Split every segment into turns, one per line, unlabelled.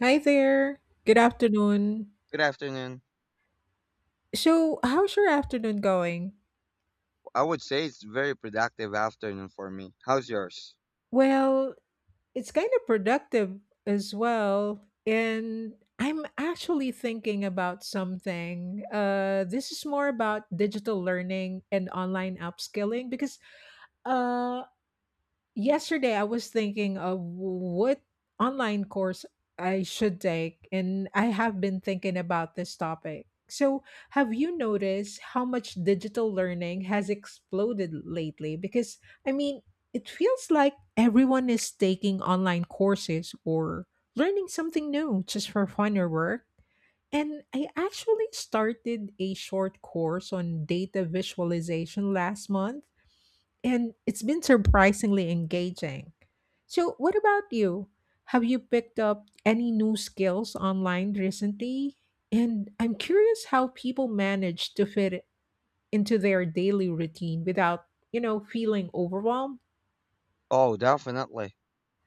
Hi there. Good afternoon.
Good afternoon.
So, how's your afternoon going?
I would say it's very productive afternoon for me. How's yours?
Well, it's kind of productive as well. And I'm actually thinking about something. This is more about digital learning and online upskilling because uh, yesterday, I was thinking of what online course I should take, and I have been thinking about this topic. So, have you noticed how much digital learning has exploded lately? Because, I mean, it feels like everyone is taking online courses or learning something new just for fun or work. And I actually started a short course on data visualization last month, and it's been surprisingly engaging. So, what about you? Have you picked up any new skills online recently? And I'm curious how people manage to fit it into their daily routine without, you know, feeling overwhelmed.
Oh, definitely.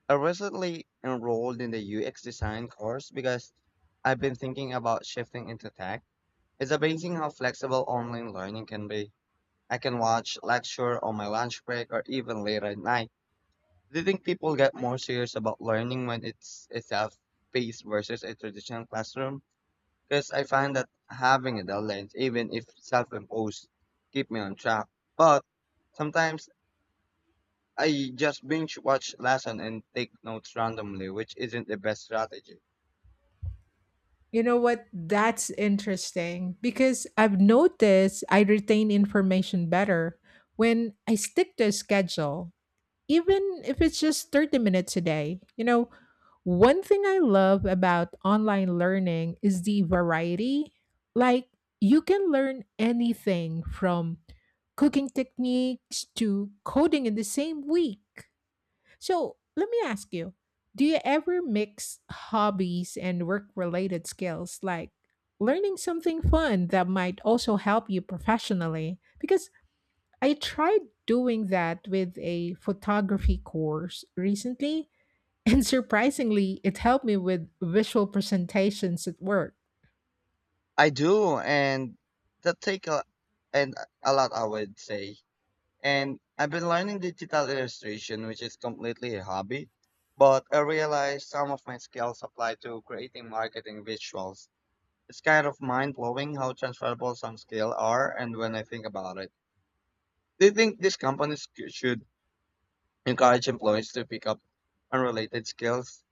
I recently enrolled in the UX design course because I've been thinking about shifting into tech. It's amazing how flexible online learning can be. I can watch lecture on my lunch break or even later at night. Do you think people get more serious about learning when it's a face versus a traditional classroom? Because I find that having a deadline, even if self-imposed, keep me on track. But sometimes I just binge watch lesson and take notes randomly, which isn't the best strategy.
You know what? That's interesting because I've noticed I retain information better when I stick to a schedule, even if it's just 30 minutes a day. You know, one thing I love about online learning is the variety. Like, you can learn anything from cooking techniques to coding in the same week. So, let me ask you, do you ever mix hobbies and work related skills, like learning something fun that might also help you professionally? Because I tried doing that with a photography course recently, and surprisingly, it helped me with visual presentations at work.
I do, and that take a and a lot, I would say. And I've been learning digital illustration, which is completely a hobby. But I realized some of my skills apply to creating marketing visuals. It's kind of mind blowing how transferable some skills are, and when I think about it. Do you think these companies should encourage employees to pick up unrelated skills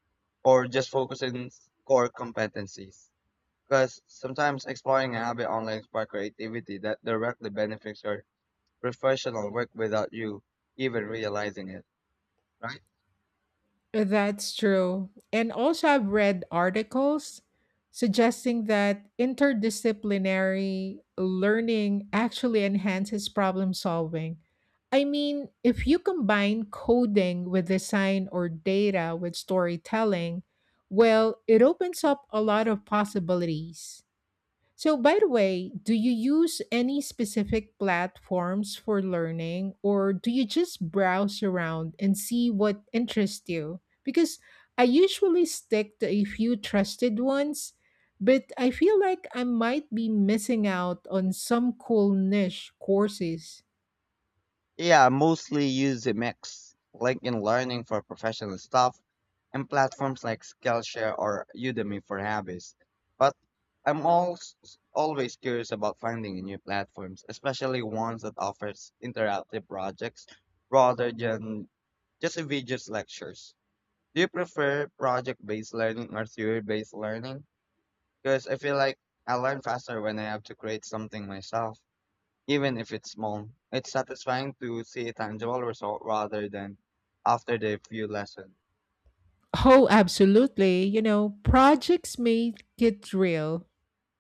or just focus on core competencies? Because sometimes exploring a hobby online spark creativity that directly benefits your professional work without you even realizing it, right?
That's true. And also, I've read articles suggesting that interdisciplinary learning actually enhances problem solving. I mean, if you combine coding with design or data with storytelling, well, it opens up a lot of possibilities. So, by the way, do you use any specific platforms for learning, or do you just browse around and see what interests you? Because I usually stick to a few trusted ones, but I feel like I might be missing out on some cool niche courses.
Yeah, I mostly use a mix. LinkedIn Learning for professional stuff and platforms like Skillshare or Udemy for hobbies. But I'm also always curious about finding new platforms, especially ones that offers interactive projects rather than just a videos lectures. Do you prefer project-based learning or theory-based learning? Because I feel like I learn faster when I have to create something myself even if it's small. It's satisfying to see a tangible result rather than after the few lessons.
Oh, absolutely. You know, projects make it real.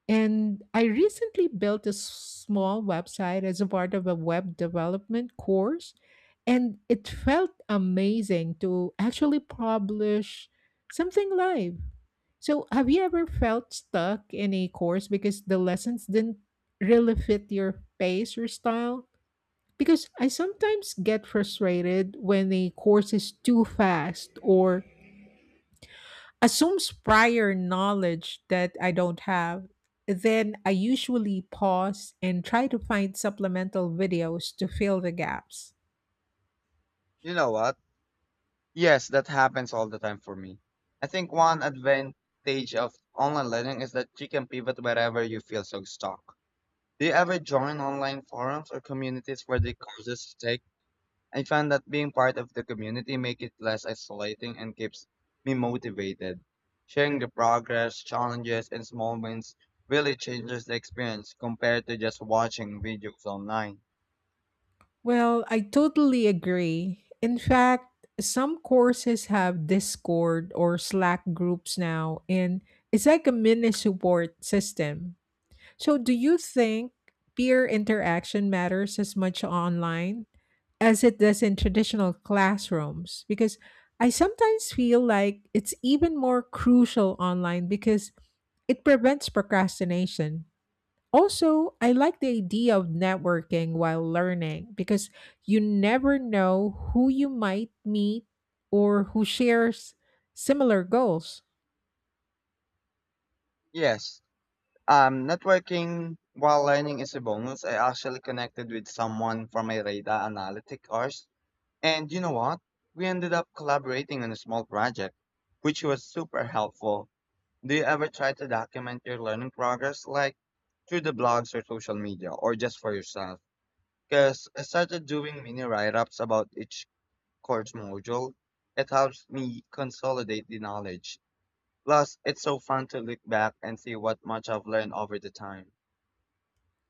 And I recently built a small website as a part of a web development course. And it felt amazing to actually publish something live. So, have you ever felt stuck in a course because the lessons didn't really fit your pace or style? Because I sometimes get frustrated when a course is too fast or assumes prior knowledge that I don't have. Then I usually pause and try to find supplemental videos to fill the gaps.
You know what? Yes, that happens all the time for me. I think one advantage of online learning is that you can pivot wherever you feel so stuck. Do you ever join online forums or communities where the courses take? I found that being part of the community makes it less isolating and keeps me motivated. Sharing the progress, challenges, and small wins really changes the experience compared to just watching videos online.
Well, I totally agree. In fact, some courses have Discord or Slack groups now, and it's like a mini support system. So, do you think peer interaction matters as much online as it does in traditional classrooms? Because I sometimes feel like it's even more crucial online because it prevents procrastination. Also, I like the idea of networking while learning because you never know who you might meet or who shares similar goals.
Yes, networking while learning is a bonus. I actually connected with someone from a data analytic course, and you know what? We ended up collaborating on a small project, which was super helpful. Do you ever try to document your learning progress, like through the blogs or social media, or just for yourself? Because I started doing mini write ups about each course module. It helps me consolidate the knowledge. Plus, it's so fun to look back and see what much I've learned over the time.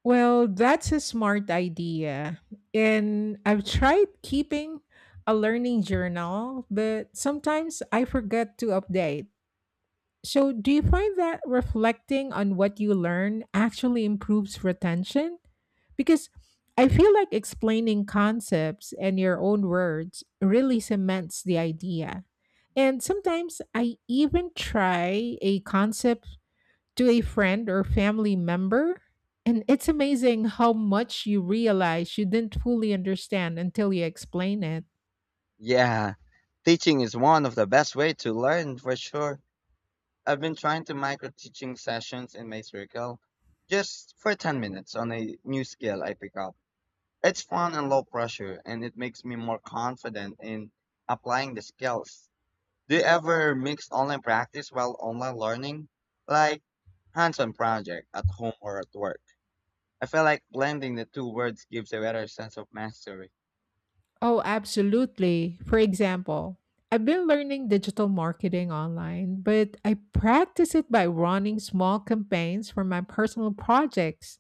Well, that's a smart idea. And I've tried keeping a learning journal, but sometimes I forget to update. So, do you find that reflecting on what you learn actually improves retention? Because I feel like explaining concepts in your own words really cements the idea. And sometimes I even try a concept to a friend or family member. And it's amazing how much you realize you didn't fully understand until you explain it.
Yeah, teaching is one of the best way to learn for sure. I've been trying to micro teaching sessions in my circle just for 10 minutes on a new skill I pick up. It's fun and low pressure, and it makes me more confident in applying the skills. Do you ever mix online practice while online learning? Like hands-on project at home or at work. I feel like blending the two words gives a better sense of mastery.
Oh, absolutely. For example, I've been learning digital marketing online, but I practice it by running small campaigns for my personal projects.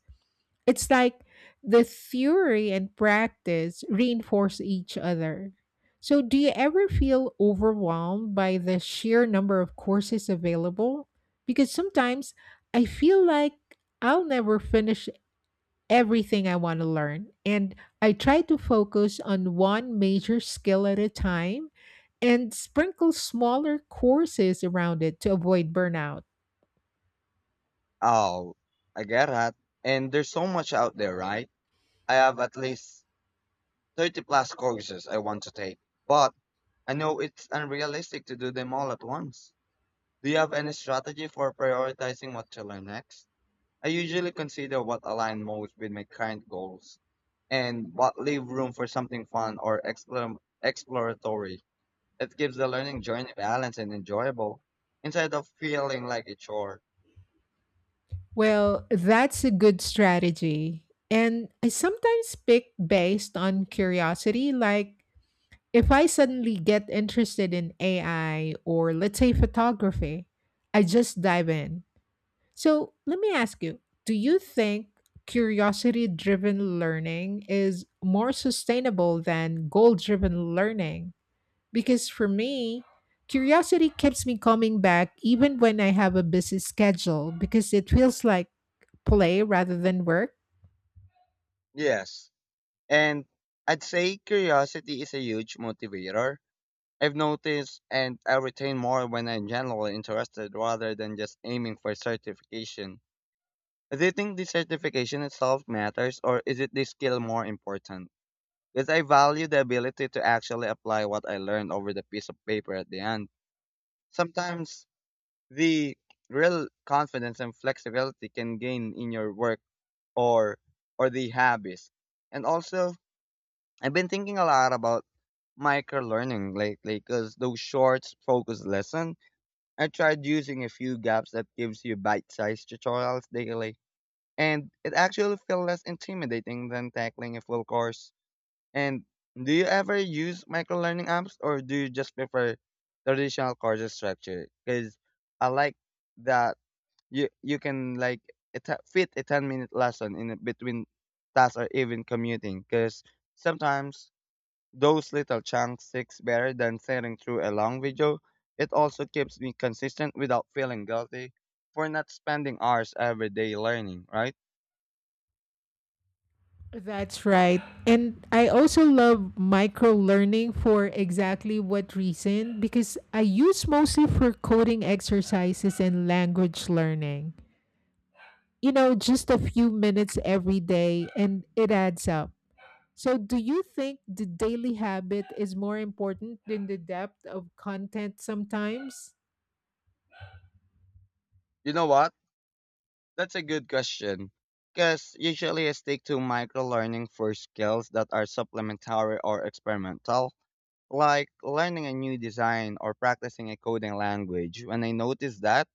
It's like the theory and practice reinforce each other. So, do you ever feel overwhelmed by the sheer number of courses available? Because sometimes I feel like I'll never finish everything I want to learn. And I try to focus on one major skill at a time and sprinkle smaller courses around it to avoid burnout.
Oh, I get that. And there's so much out there, right? I have at least 30 plus courses I want to take, but I know it's unrealistic to do them all at once. Do you have any strategy for prioritizing what to learn next? I usually consider what aligns most with my current goals and what leave room for something fun or exploratory. It gives the learning journey balance and enjoyable instead of feeling like a chore.
Well, that's a good strategy. And I sometimes pick based on curiosity. Like, if I suddenly get interested in AI, or let's say photography, I just dive in. So, let me ask you, do you think curiosity driven learning is more sustainable than goal driven learning? Because for me, curiosity keeps me coming back even when I have a busy schedule because it feels like play rather than work.
Yes. And I'd say curiosity is a huge motivator. I've noticed and I retain more when I'm generally interested rather than just aiming for certification. Do you think the certification itself matters or is it the skill more important? Because I value the ability to actually apply what I learned over the piece of paper at the end. Sometimes the real confidence and flexibility can gain in your work or or the habits. And also, I've been thinking a lot about micro learning lately because those short focused lesson I tried using a few gaps that gives you bite-sized tutorials daily and it actually feel less intimidating than tackling a full course. And do you ever use microlearning apps or do you just prefer traditional course structure? Because I like that you can like fit a 10-minute lesson between tasks or even commuting. Because sometimes those little chunks sticks better than sitting through a long video. It also keeps me consistent without feeling guilty for not spending hours every day learning, right?
That's right. And I also love micro learning for exactly what reason, because I use mostly for coding exercises and language learning. You know, just a few minutes every day and it adds up. So, do you think the daily habit is more important than the depth of content sometimes?
You know what? That's a good question. Because usually I stick to micro learning for skills that are supplementary or experimental, like learning a new design or practicing a coding language. When I notice that,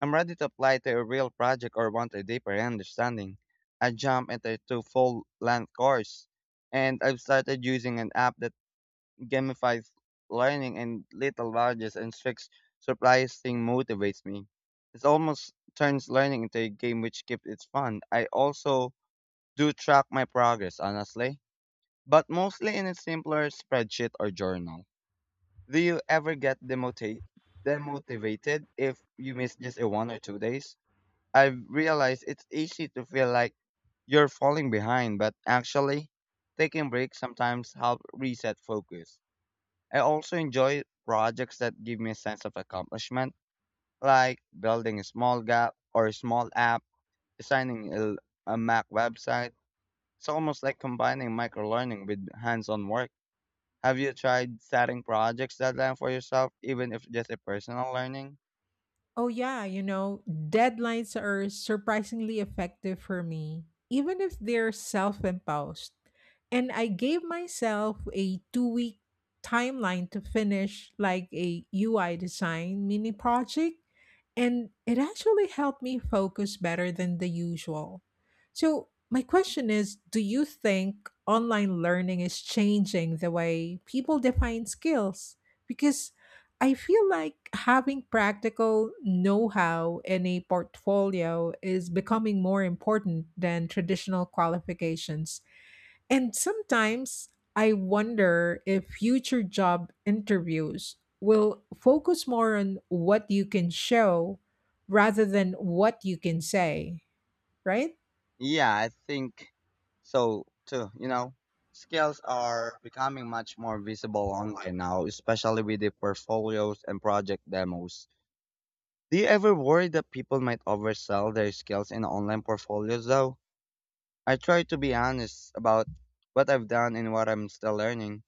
I'm ready to apply to a real project or want a deeper understanding. I jump into a full length course, and I've started using an app that gamifies learning and little badges and strict surprising motivates me. It almost turns learning into a game which keeps it fun. I also do track my progress honestly, but mostly in a simpler spreadsheet or journal. Do you ever get demotivated if you miss just a one or two days? I've realized it's easy to feel like you're falling behind, but actually taking breaks sometimes help reset focus. I also enjoy projects that give me a sense of accomplishment, like building a small gap or a small app, designing a Mac website. It's almost like combining microlearning with hands-on work. Have you tried setting projects deadline for yourself, even if just a personal learning?
Oh, yeah, you know, deadlines are surprisingly effective for me, even if they're self imposed. And I gave myself a 2 week timeline to finish like a UI design mini project, and it actually helped me focus better than the usual. So, my question is, do you think online learning is changing the way people define skills? Because I feel like having practical know how in a portfolio is becoming more important than traditional qualifications. And sometimes I wonder if future job interviews will focus more on what you can show rather than what you can say, right?
Yeah, I think so too. You know, skills are becoming much more visible online now, especially with the portfolios and project demos. Do you ever worry that people might oversell their skills in online portfolios though? I try to be honest about what I've done and what I'm still learning.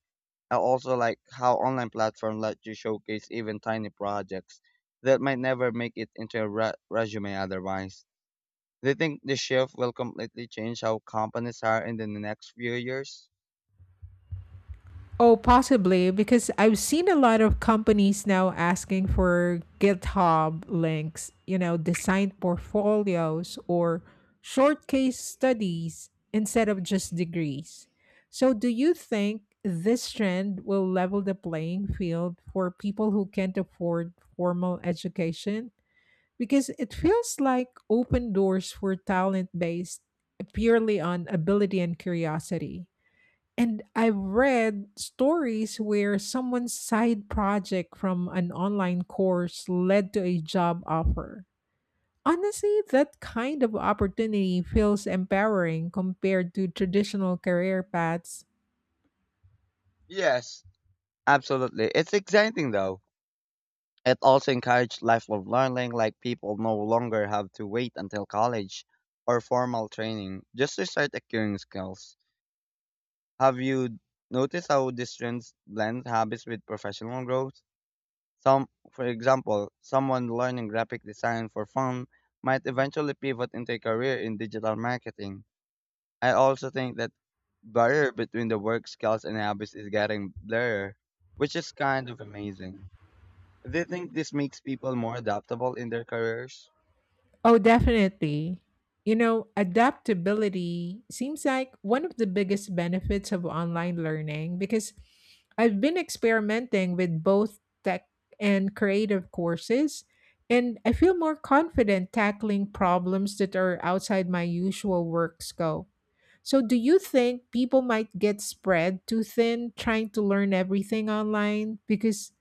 I also like how online platforms let you showcase even tiny projects that might never make it into a resume otherwise. Do you think the shift will completely change how companies hire in the next few years?
Oh, possibly, because I've seen a lot of companies now asking for GitHub links, you know, design portfolios or short case studies instead of just degrees. So, do you think this trend will level the playing field for people who can't afford formal education? Because it feels like open doors for talent based purely on ability and curiosity. And I've read stories where someone's side project from an online course led to a job offer. Honestly, that kind of opportunity feels empowering compared to traditional career paths.
Yes, absolutely. It's exciting though. It also encouraged lifelong learning, like people no longer have to wait until college or formal training just to start acquiring skills. Have you noticed how these trends blend habits with professional growth? Some, for example, someone learning graphic design for fun might eventually pivot into a career in digital marketing. I also think that barrier between the work skills and habits is getting blurred, which is kind of amazing. Do you think this makes people more adaptable in their careers?
Oh, definitely. You know, adaptability seems like one of the biggest benefits of online learning because I've been experimenting with both tech and creative courses, and I feel more confident tackling problems that are outside my usual work scope. So, do you think people might get spread too thin trying to learn everything online? Because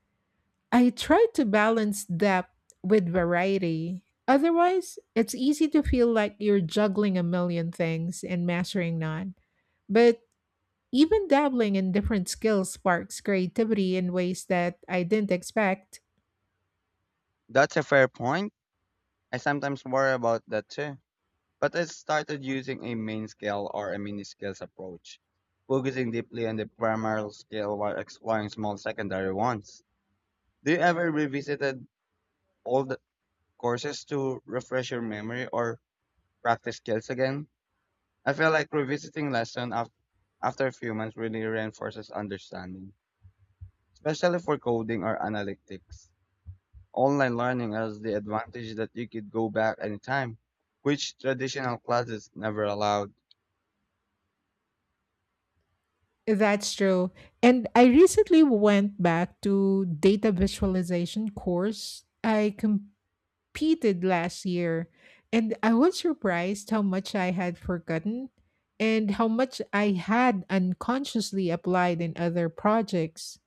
I try to balance depth with variety. Otherwise, it's easy to feel like you're juggling a million things and mastering none. But even dabbling in different skills sparks creativity in ways that I didn't expect.
That's a fair point. I sometimes worry about that too. But I started using a main scale or a mini scales approach, focusing deeply on the primary scale while exploring small secondary ones. Do you ever revisited old courses to refresh your memory or practice skills again? I feel like revisiting lesson after a few months really reinforces understanding, especially for coding or analytics. Online learning has the advantage that you could go back anytime, which traditional classes never allowed.
That's true. And I recently went back to data visualization course I repeated last year, and I was surprised how much I had forgotten and how much I had unconsciously applied in other projects.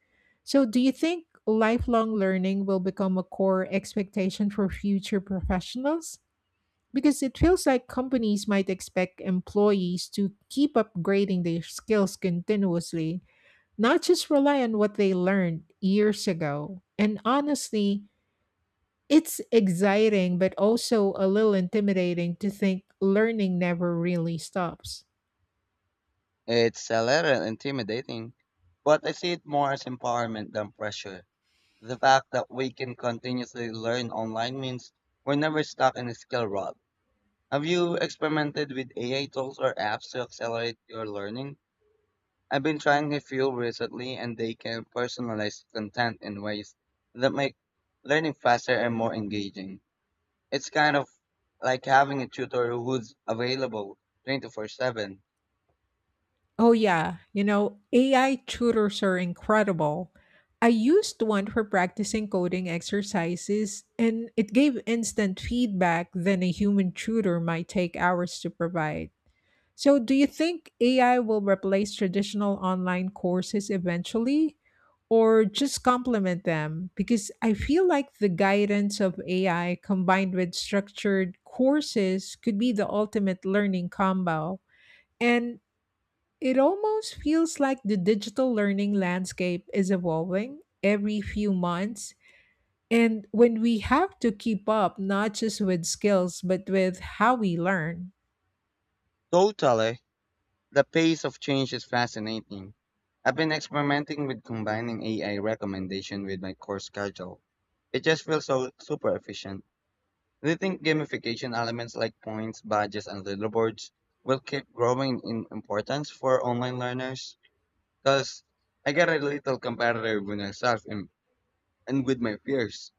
So, do you think lifelong learning will become a core expectation for future professionals? Because it feels like companies might expect employees to keep upgrading their skills continuously, not just rely on what they learned years ago. And honestly, it's exciting, but also a little intimidating to think learning never really stops.
It's a little intimidating, but I see it more as empowerment than pressure. The fact that we can continuously learn online means we're never stuck in a skill rut. Have you experimented with AI tools or apps to accelerate your learning? I've been trying a few recently and they can personalize content in ways that make learning faster and more engaging. It's kind of like having a tutor who's available 24/7.
Oh, yeah. You know, AI tutors are incredible. I used one for practicing coding exercises, and it gave instant feedback then a human tutor might take hours to provide. So, do you think AI will replace traditional online courses eventually or just complement them? Because I feel like the guidance of AI combined with structured courses could be the ultimate learning combo. And it almost feels like the digital learning landscape is evolving every few months, and when we have to keep up not just with skills but with how we learn.
Totally. The pace of change is fascinating. I've been experimenting with combining AI recommendation with my course schedule. It just feels so super efficient. Do you think gamification elements like points, badges, and leaderboards will keep growing in importance for online learners? Because I get a little competitive with myself and with my peers,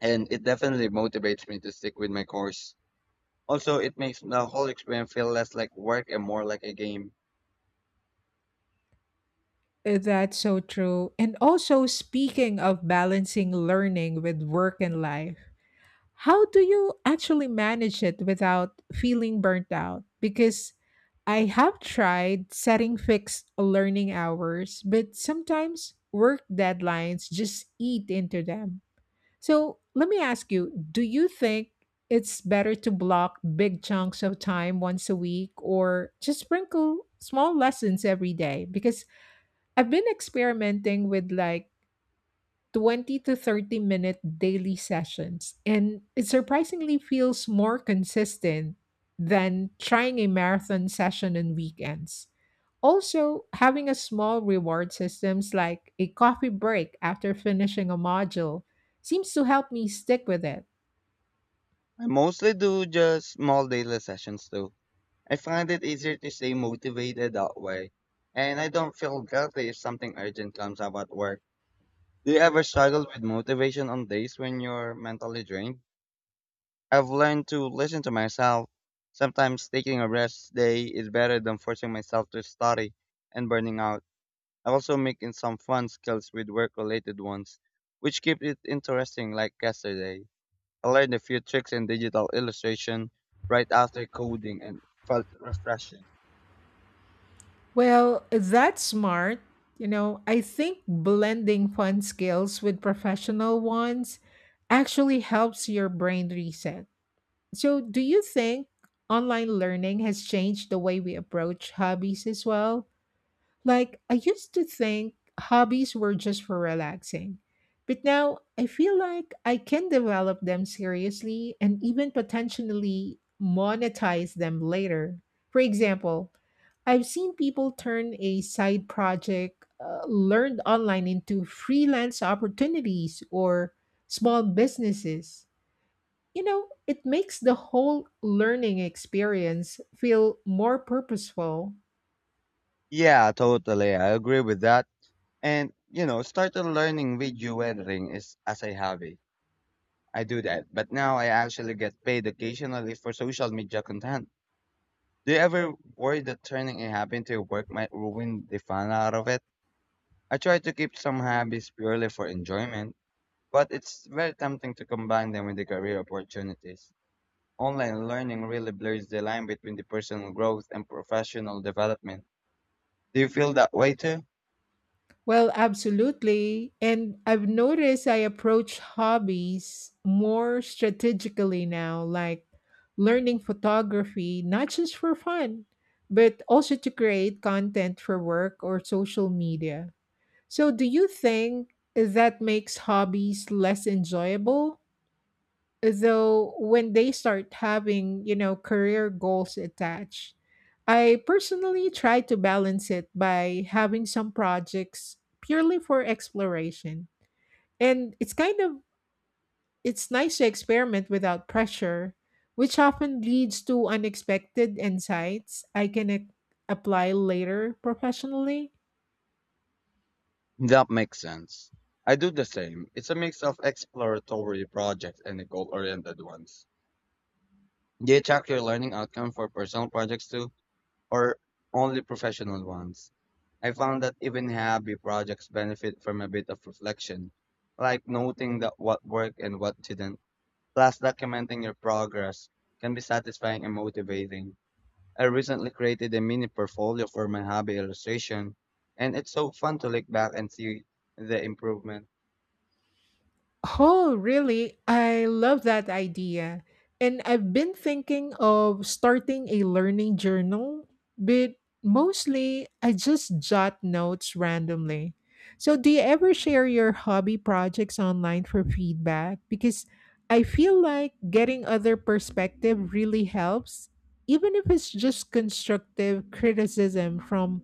and it definitely motivates me to stick with my course. Also, it makes the whole experience feel less like work and more like a game.
That's so true. And also, speaking of balancing learning with work and life, how do you actually manage it without feeling burnt out? Because I have tried setting fixed learning hours, but sometimes work deadlines just eat into them. So, let me ask you, do you think it's better to block big chunks of time once a week or just sprinkle small lessons every day? Because I've been experimenting with like 20 to 30 minute daily sessions, and it surprisingly feels more consistent than trying a marathon session on weekends. Also, having a small reward systems like a coffee break after finishing a module seems to help me stick with it.
I mostly do just small daily sessions too. I find it easier to stay motivated that way. And I don't feel guilty if something urgent comes up at work. Do you ever struggle with motivation on days when you're mentally drained? I've learned to listen to myself. Sometimes taking a rest day is better than forcing myself to study and burning out. I also mix in some fun skills with work related ones, which keep it interesting like yesterday. I learned a few tricks in digital illustration right after coding and felt refreshing.
Well, that's smart. You know, I think blending fun skills with professional ones actually helps your brain reset. So, do you think online learning has changed the way we approach hobbies as well? Like, I used to think hobbies were just for relaxing, but now I feel like I can develop them seriously and even potentially monetize them later. For example, I've seen people turn a side project learned online into freelance opportunities or small businesses. You know, it makes the whole learning experience feel more purposeful.
Yeah, totally. I agree with that. And you know, started learning video editing is as a hobby. I do that, but now I actually get paid occasionally for social media content. Do you ever worry that turning a hobby into your work might ruin the fun out of it? I try to keep some hobbies purely for enjoyment. But it's very tempting to combine them with the career opportunities. Online learning really blurs the line between the personal growth and professional development. Do you feel that way too?
Well, absolutely. And I've noticed I approach hobbies more strategically now, like learning photography, not just for fun, but also to create content for work or social media. So, do you think that makes hobbies less enjoyable though, when they start having, you know, career goals attached? I personally try to balance it by having some projects purely for exploration, and it's kind of it's nice to experiment without pressure, which often leads to unexpected insights I can apply later professionally.
That makes sense. I do the same. It's a mix of exploratory projects and the goal-oriented ones. Do you track your learning outcome for personal projects too, or only professional ones? I found that even hobby projects benefit from a bit of reflection, like noting that what worked and what didn't. Plus, documenting your progress can be satisfying and motivating. I recently created a mini portfolio for my hobby illustration, and it's so fun to look back and see the improvement.
Oh, really? I love that idea. And I've been thinking of starting a learning journal, but mostly I just jot notes randomly. So, do you ever share your hobby projects online for feedback? Because I feel like getting other perspective really helps, even if it's just constructive criticism from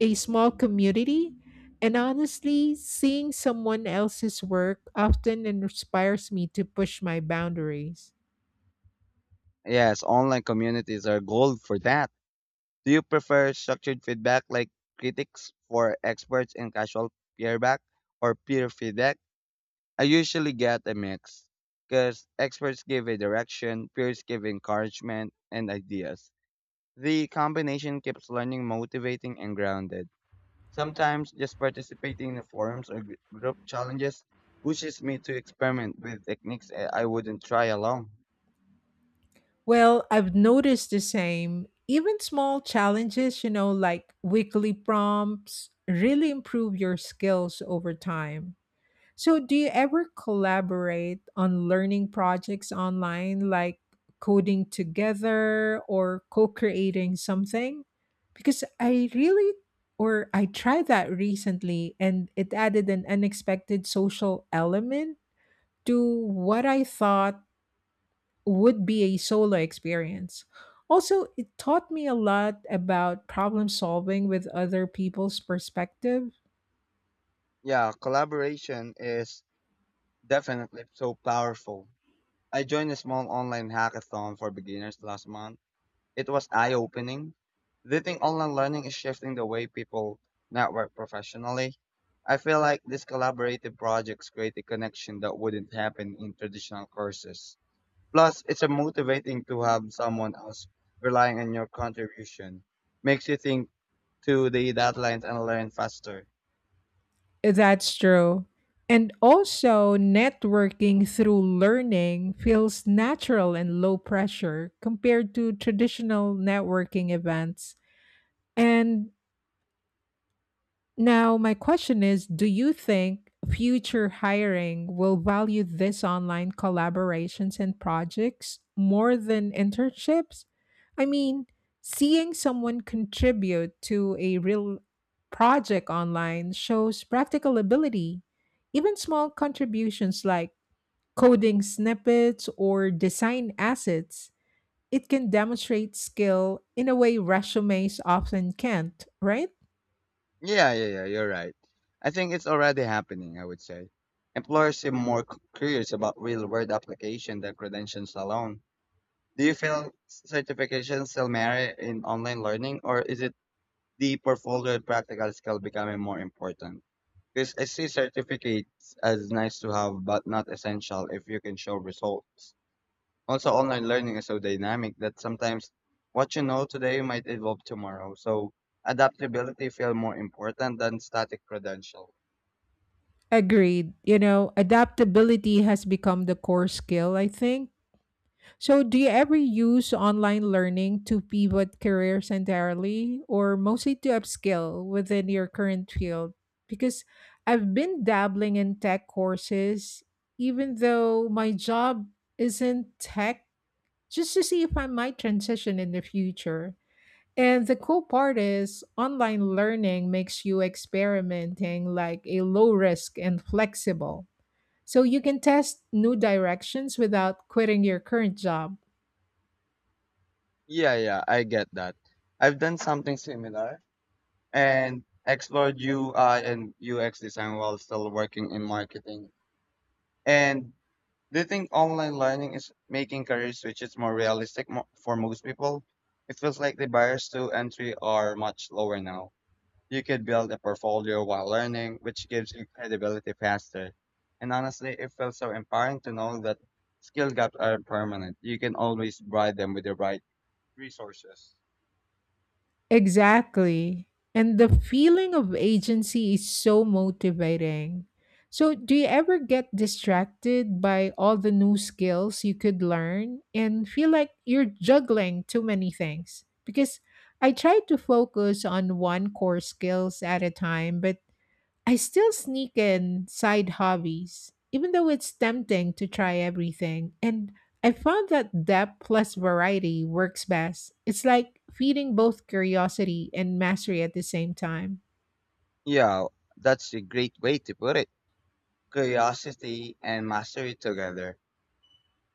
a small community. And honestly, seeing someone else's work often inspires me to push my boundaries.
Yes, online communities are gold for that. Do you prefer structured feedback like critics for experts and casual peer back or peer feedback? I usually get a mix because experts give a direction, peers give encouragement and ideas. The combination keeps learning motivating and grounded. Sometimes just participating in the forums or group challenges pushes me to experiment with techniques I wouldn't try alone.
Well, I've noticed the same. Even small challenges, you know, like weekly prompts, really improve your skills over time. So, do you ever collaborate on learning projects online, like coding together or co creating something? Because I really, or I tried that recently, and it added an unexpected social element to what I thought would be a solo experience. Also, it taught me a lot about problem solving with other people's perspective.
Yeah, collaboration is definitely so powerful. I joined a small online hackathon for beginners last month. It was eye-opening. Do you think online learning is shifting the way people network professionally? I feel like these collaborative projects create a connection that wouldn't happen in traditional courses. Plus, it's a motivating to have someone else relying on your contribution. Makes you think to the deadlines and learn faster.
That's true. And also, networking through learning feels natural and low pressure compared to traditional networking events. And now, my question is, do you think future hiring will value these online collaborations and projects more than internships? I mean, seeing someone contribute to a real project online shows practical ability. Even small contributions like coding snippets or design assets, it can demonstrate skill in a way resumes often can't, right?
Yeah, yeah, yeah, you're right. I think it's already happening, I would say. Employers seem more curious about real-world application than credentials alone. Do you feel certifications still matter in online learning, or is it the portfolio and practical skill becoming more important? Because I see certificates as nice to have, but not essential if you can show results. Also, online learning is so dynamic that sometimes what you know today might evolve tomorrow. So adaptability feels more important than static credential.
Agreed. You know, adaptability has become the core skill, I think. So, do you ever use online learning to pivot careers entirely, or mostly to upskill within your current field? Because I've been dabbling in tech courses, even though my job isn't tech, just to see if I might transition in the future. And the cool part is, online learning makes you experimenting like a low risk and flexible. So you can test new directions without quitting your current job.
Yeah, yeah, I get that. I've done something similar and explored UI and UX design while still working in marketing. And do you think online learning is making career switches more realistic for most people? It feels like the barriers to entry are much lower now. You could build a portfolio while learning, which gives you credibility faster. And honestly, it feels so empowering to know that skill gaps are permanent. You can always bribe them with the right resources.
Exactly. And the feeling of agency is so motivating. So, do you ever get distracted by all the new skills you could learn and feel like you're juggling too many things? Because I try to focus on one core skills at a time, but I still sneak in side hobbies, even though it's tempting to try everything. And I found that depth plus variety works best. It's like feeding both curiosity and mastery at the same time.
Yeah, that's a great way to put it. Curiosity, and mastery together.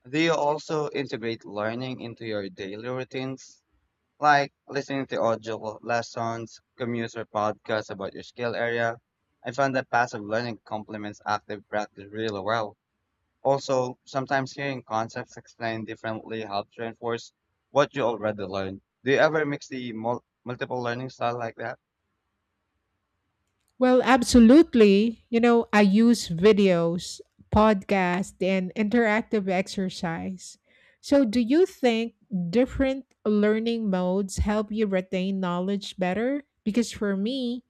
Do you also integrate learning into your daily routines, like listening to audio lessons, commutes, or podcasts about your skill area? I found that passive learning complements active practice really well. Also, sometimes hearing concepts explained differently helps reinforce what you already learned. Do you ever mix the multiple learning style like that?
Well, absolutely. You know, I use videos, podcast, and interactive exercise. So, do you think different learning modes help you retain knowledge better? Because for me,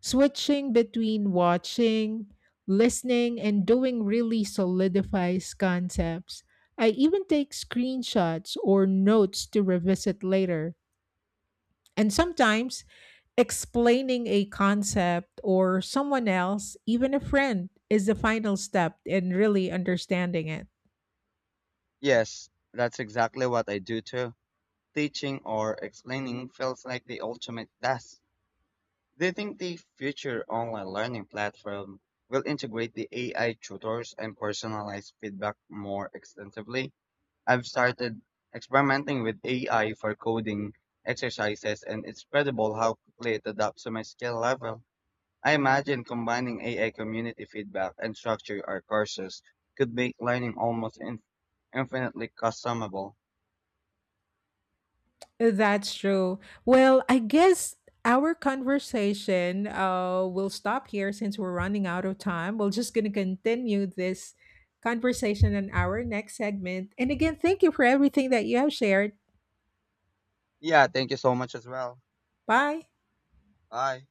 switching between watching, listening, and doing really solidifies concepts. I even take screenshots or notes to revisit later. And sometimes explaining a concept or someone else, even a friend, is the final step in really understanding it.
Yes, that's exactly what I do too. Teaching or explaining feels like the ultimate task. Do you think the future online learning platform will integrate the AI tutors and personalized feedback more extensively? I've started experimenting with AI for coding exercises, and it's incredible how quickly it adapts to my skill level. I imagine combining AI community feedback and structure our courses could make learning almost infinitely customizable.
That's true. Well, I guess our conversation will stop here since we're running out of time. We're just going to continue this conversation in our next segment. And again, thank you for everything that you have shared.
Yeah, thank you so much as well.
Bye.
Bye.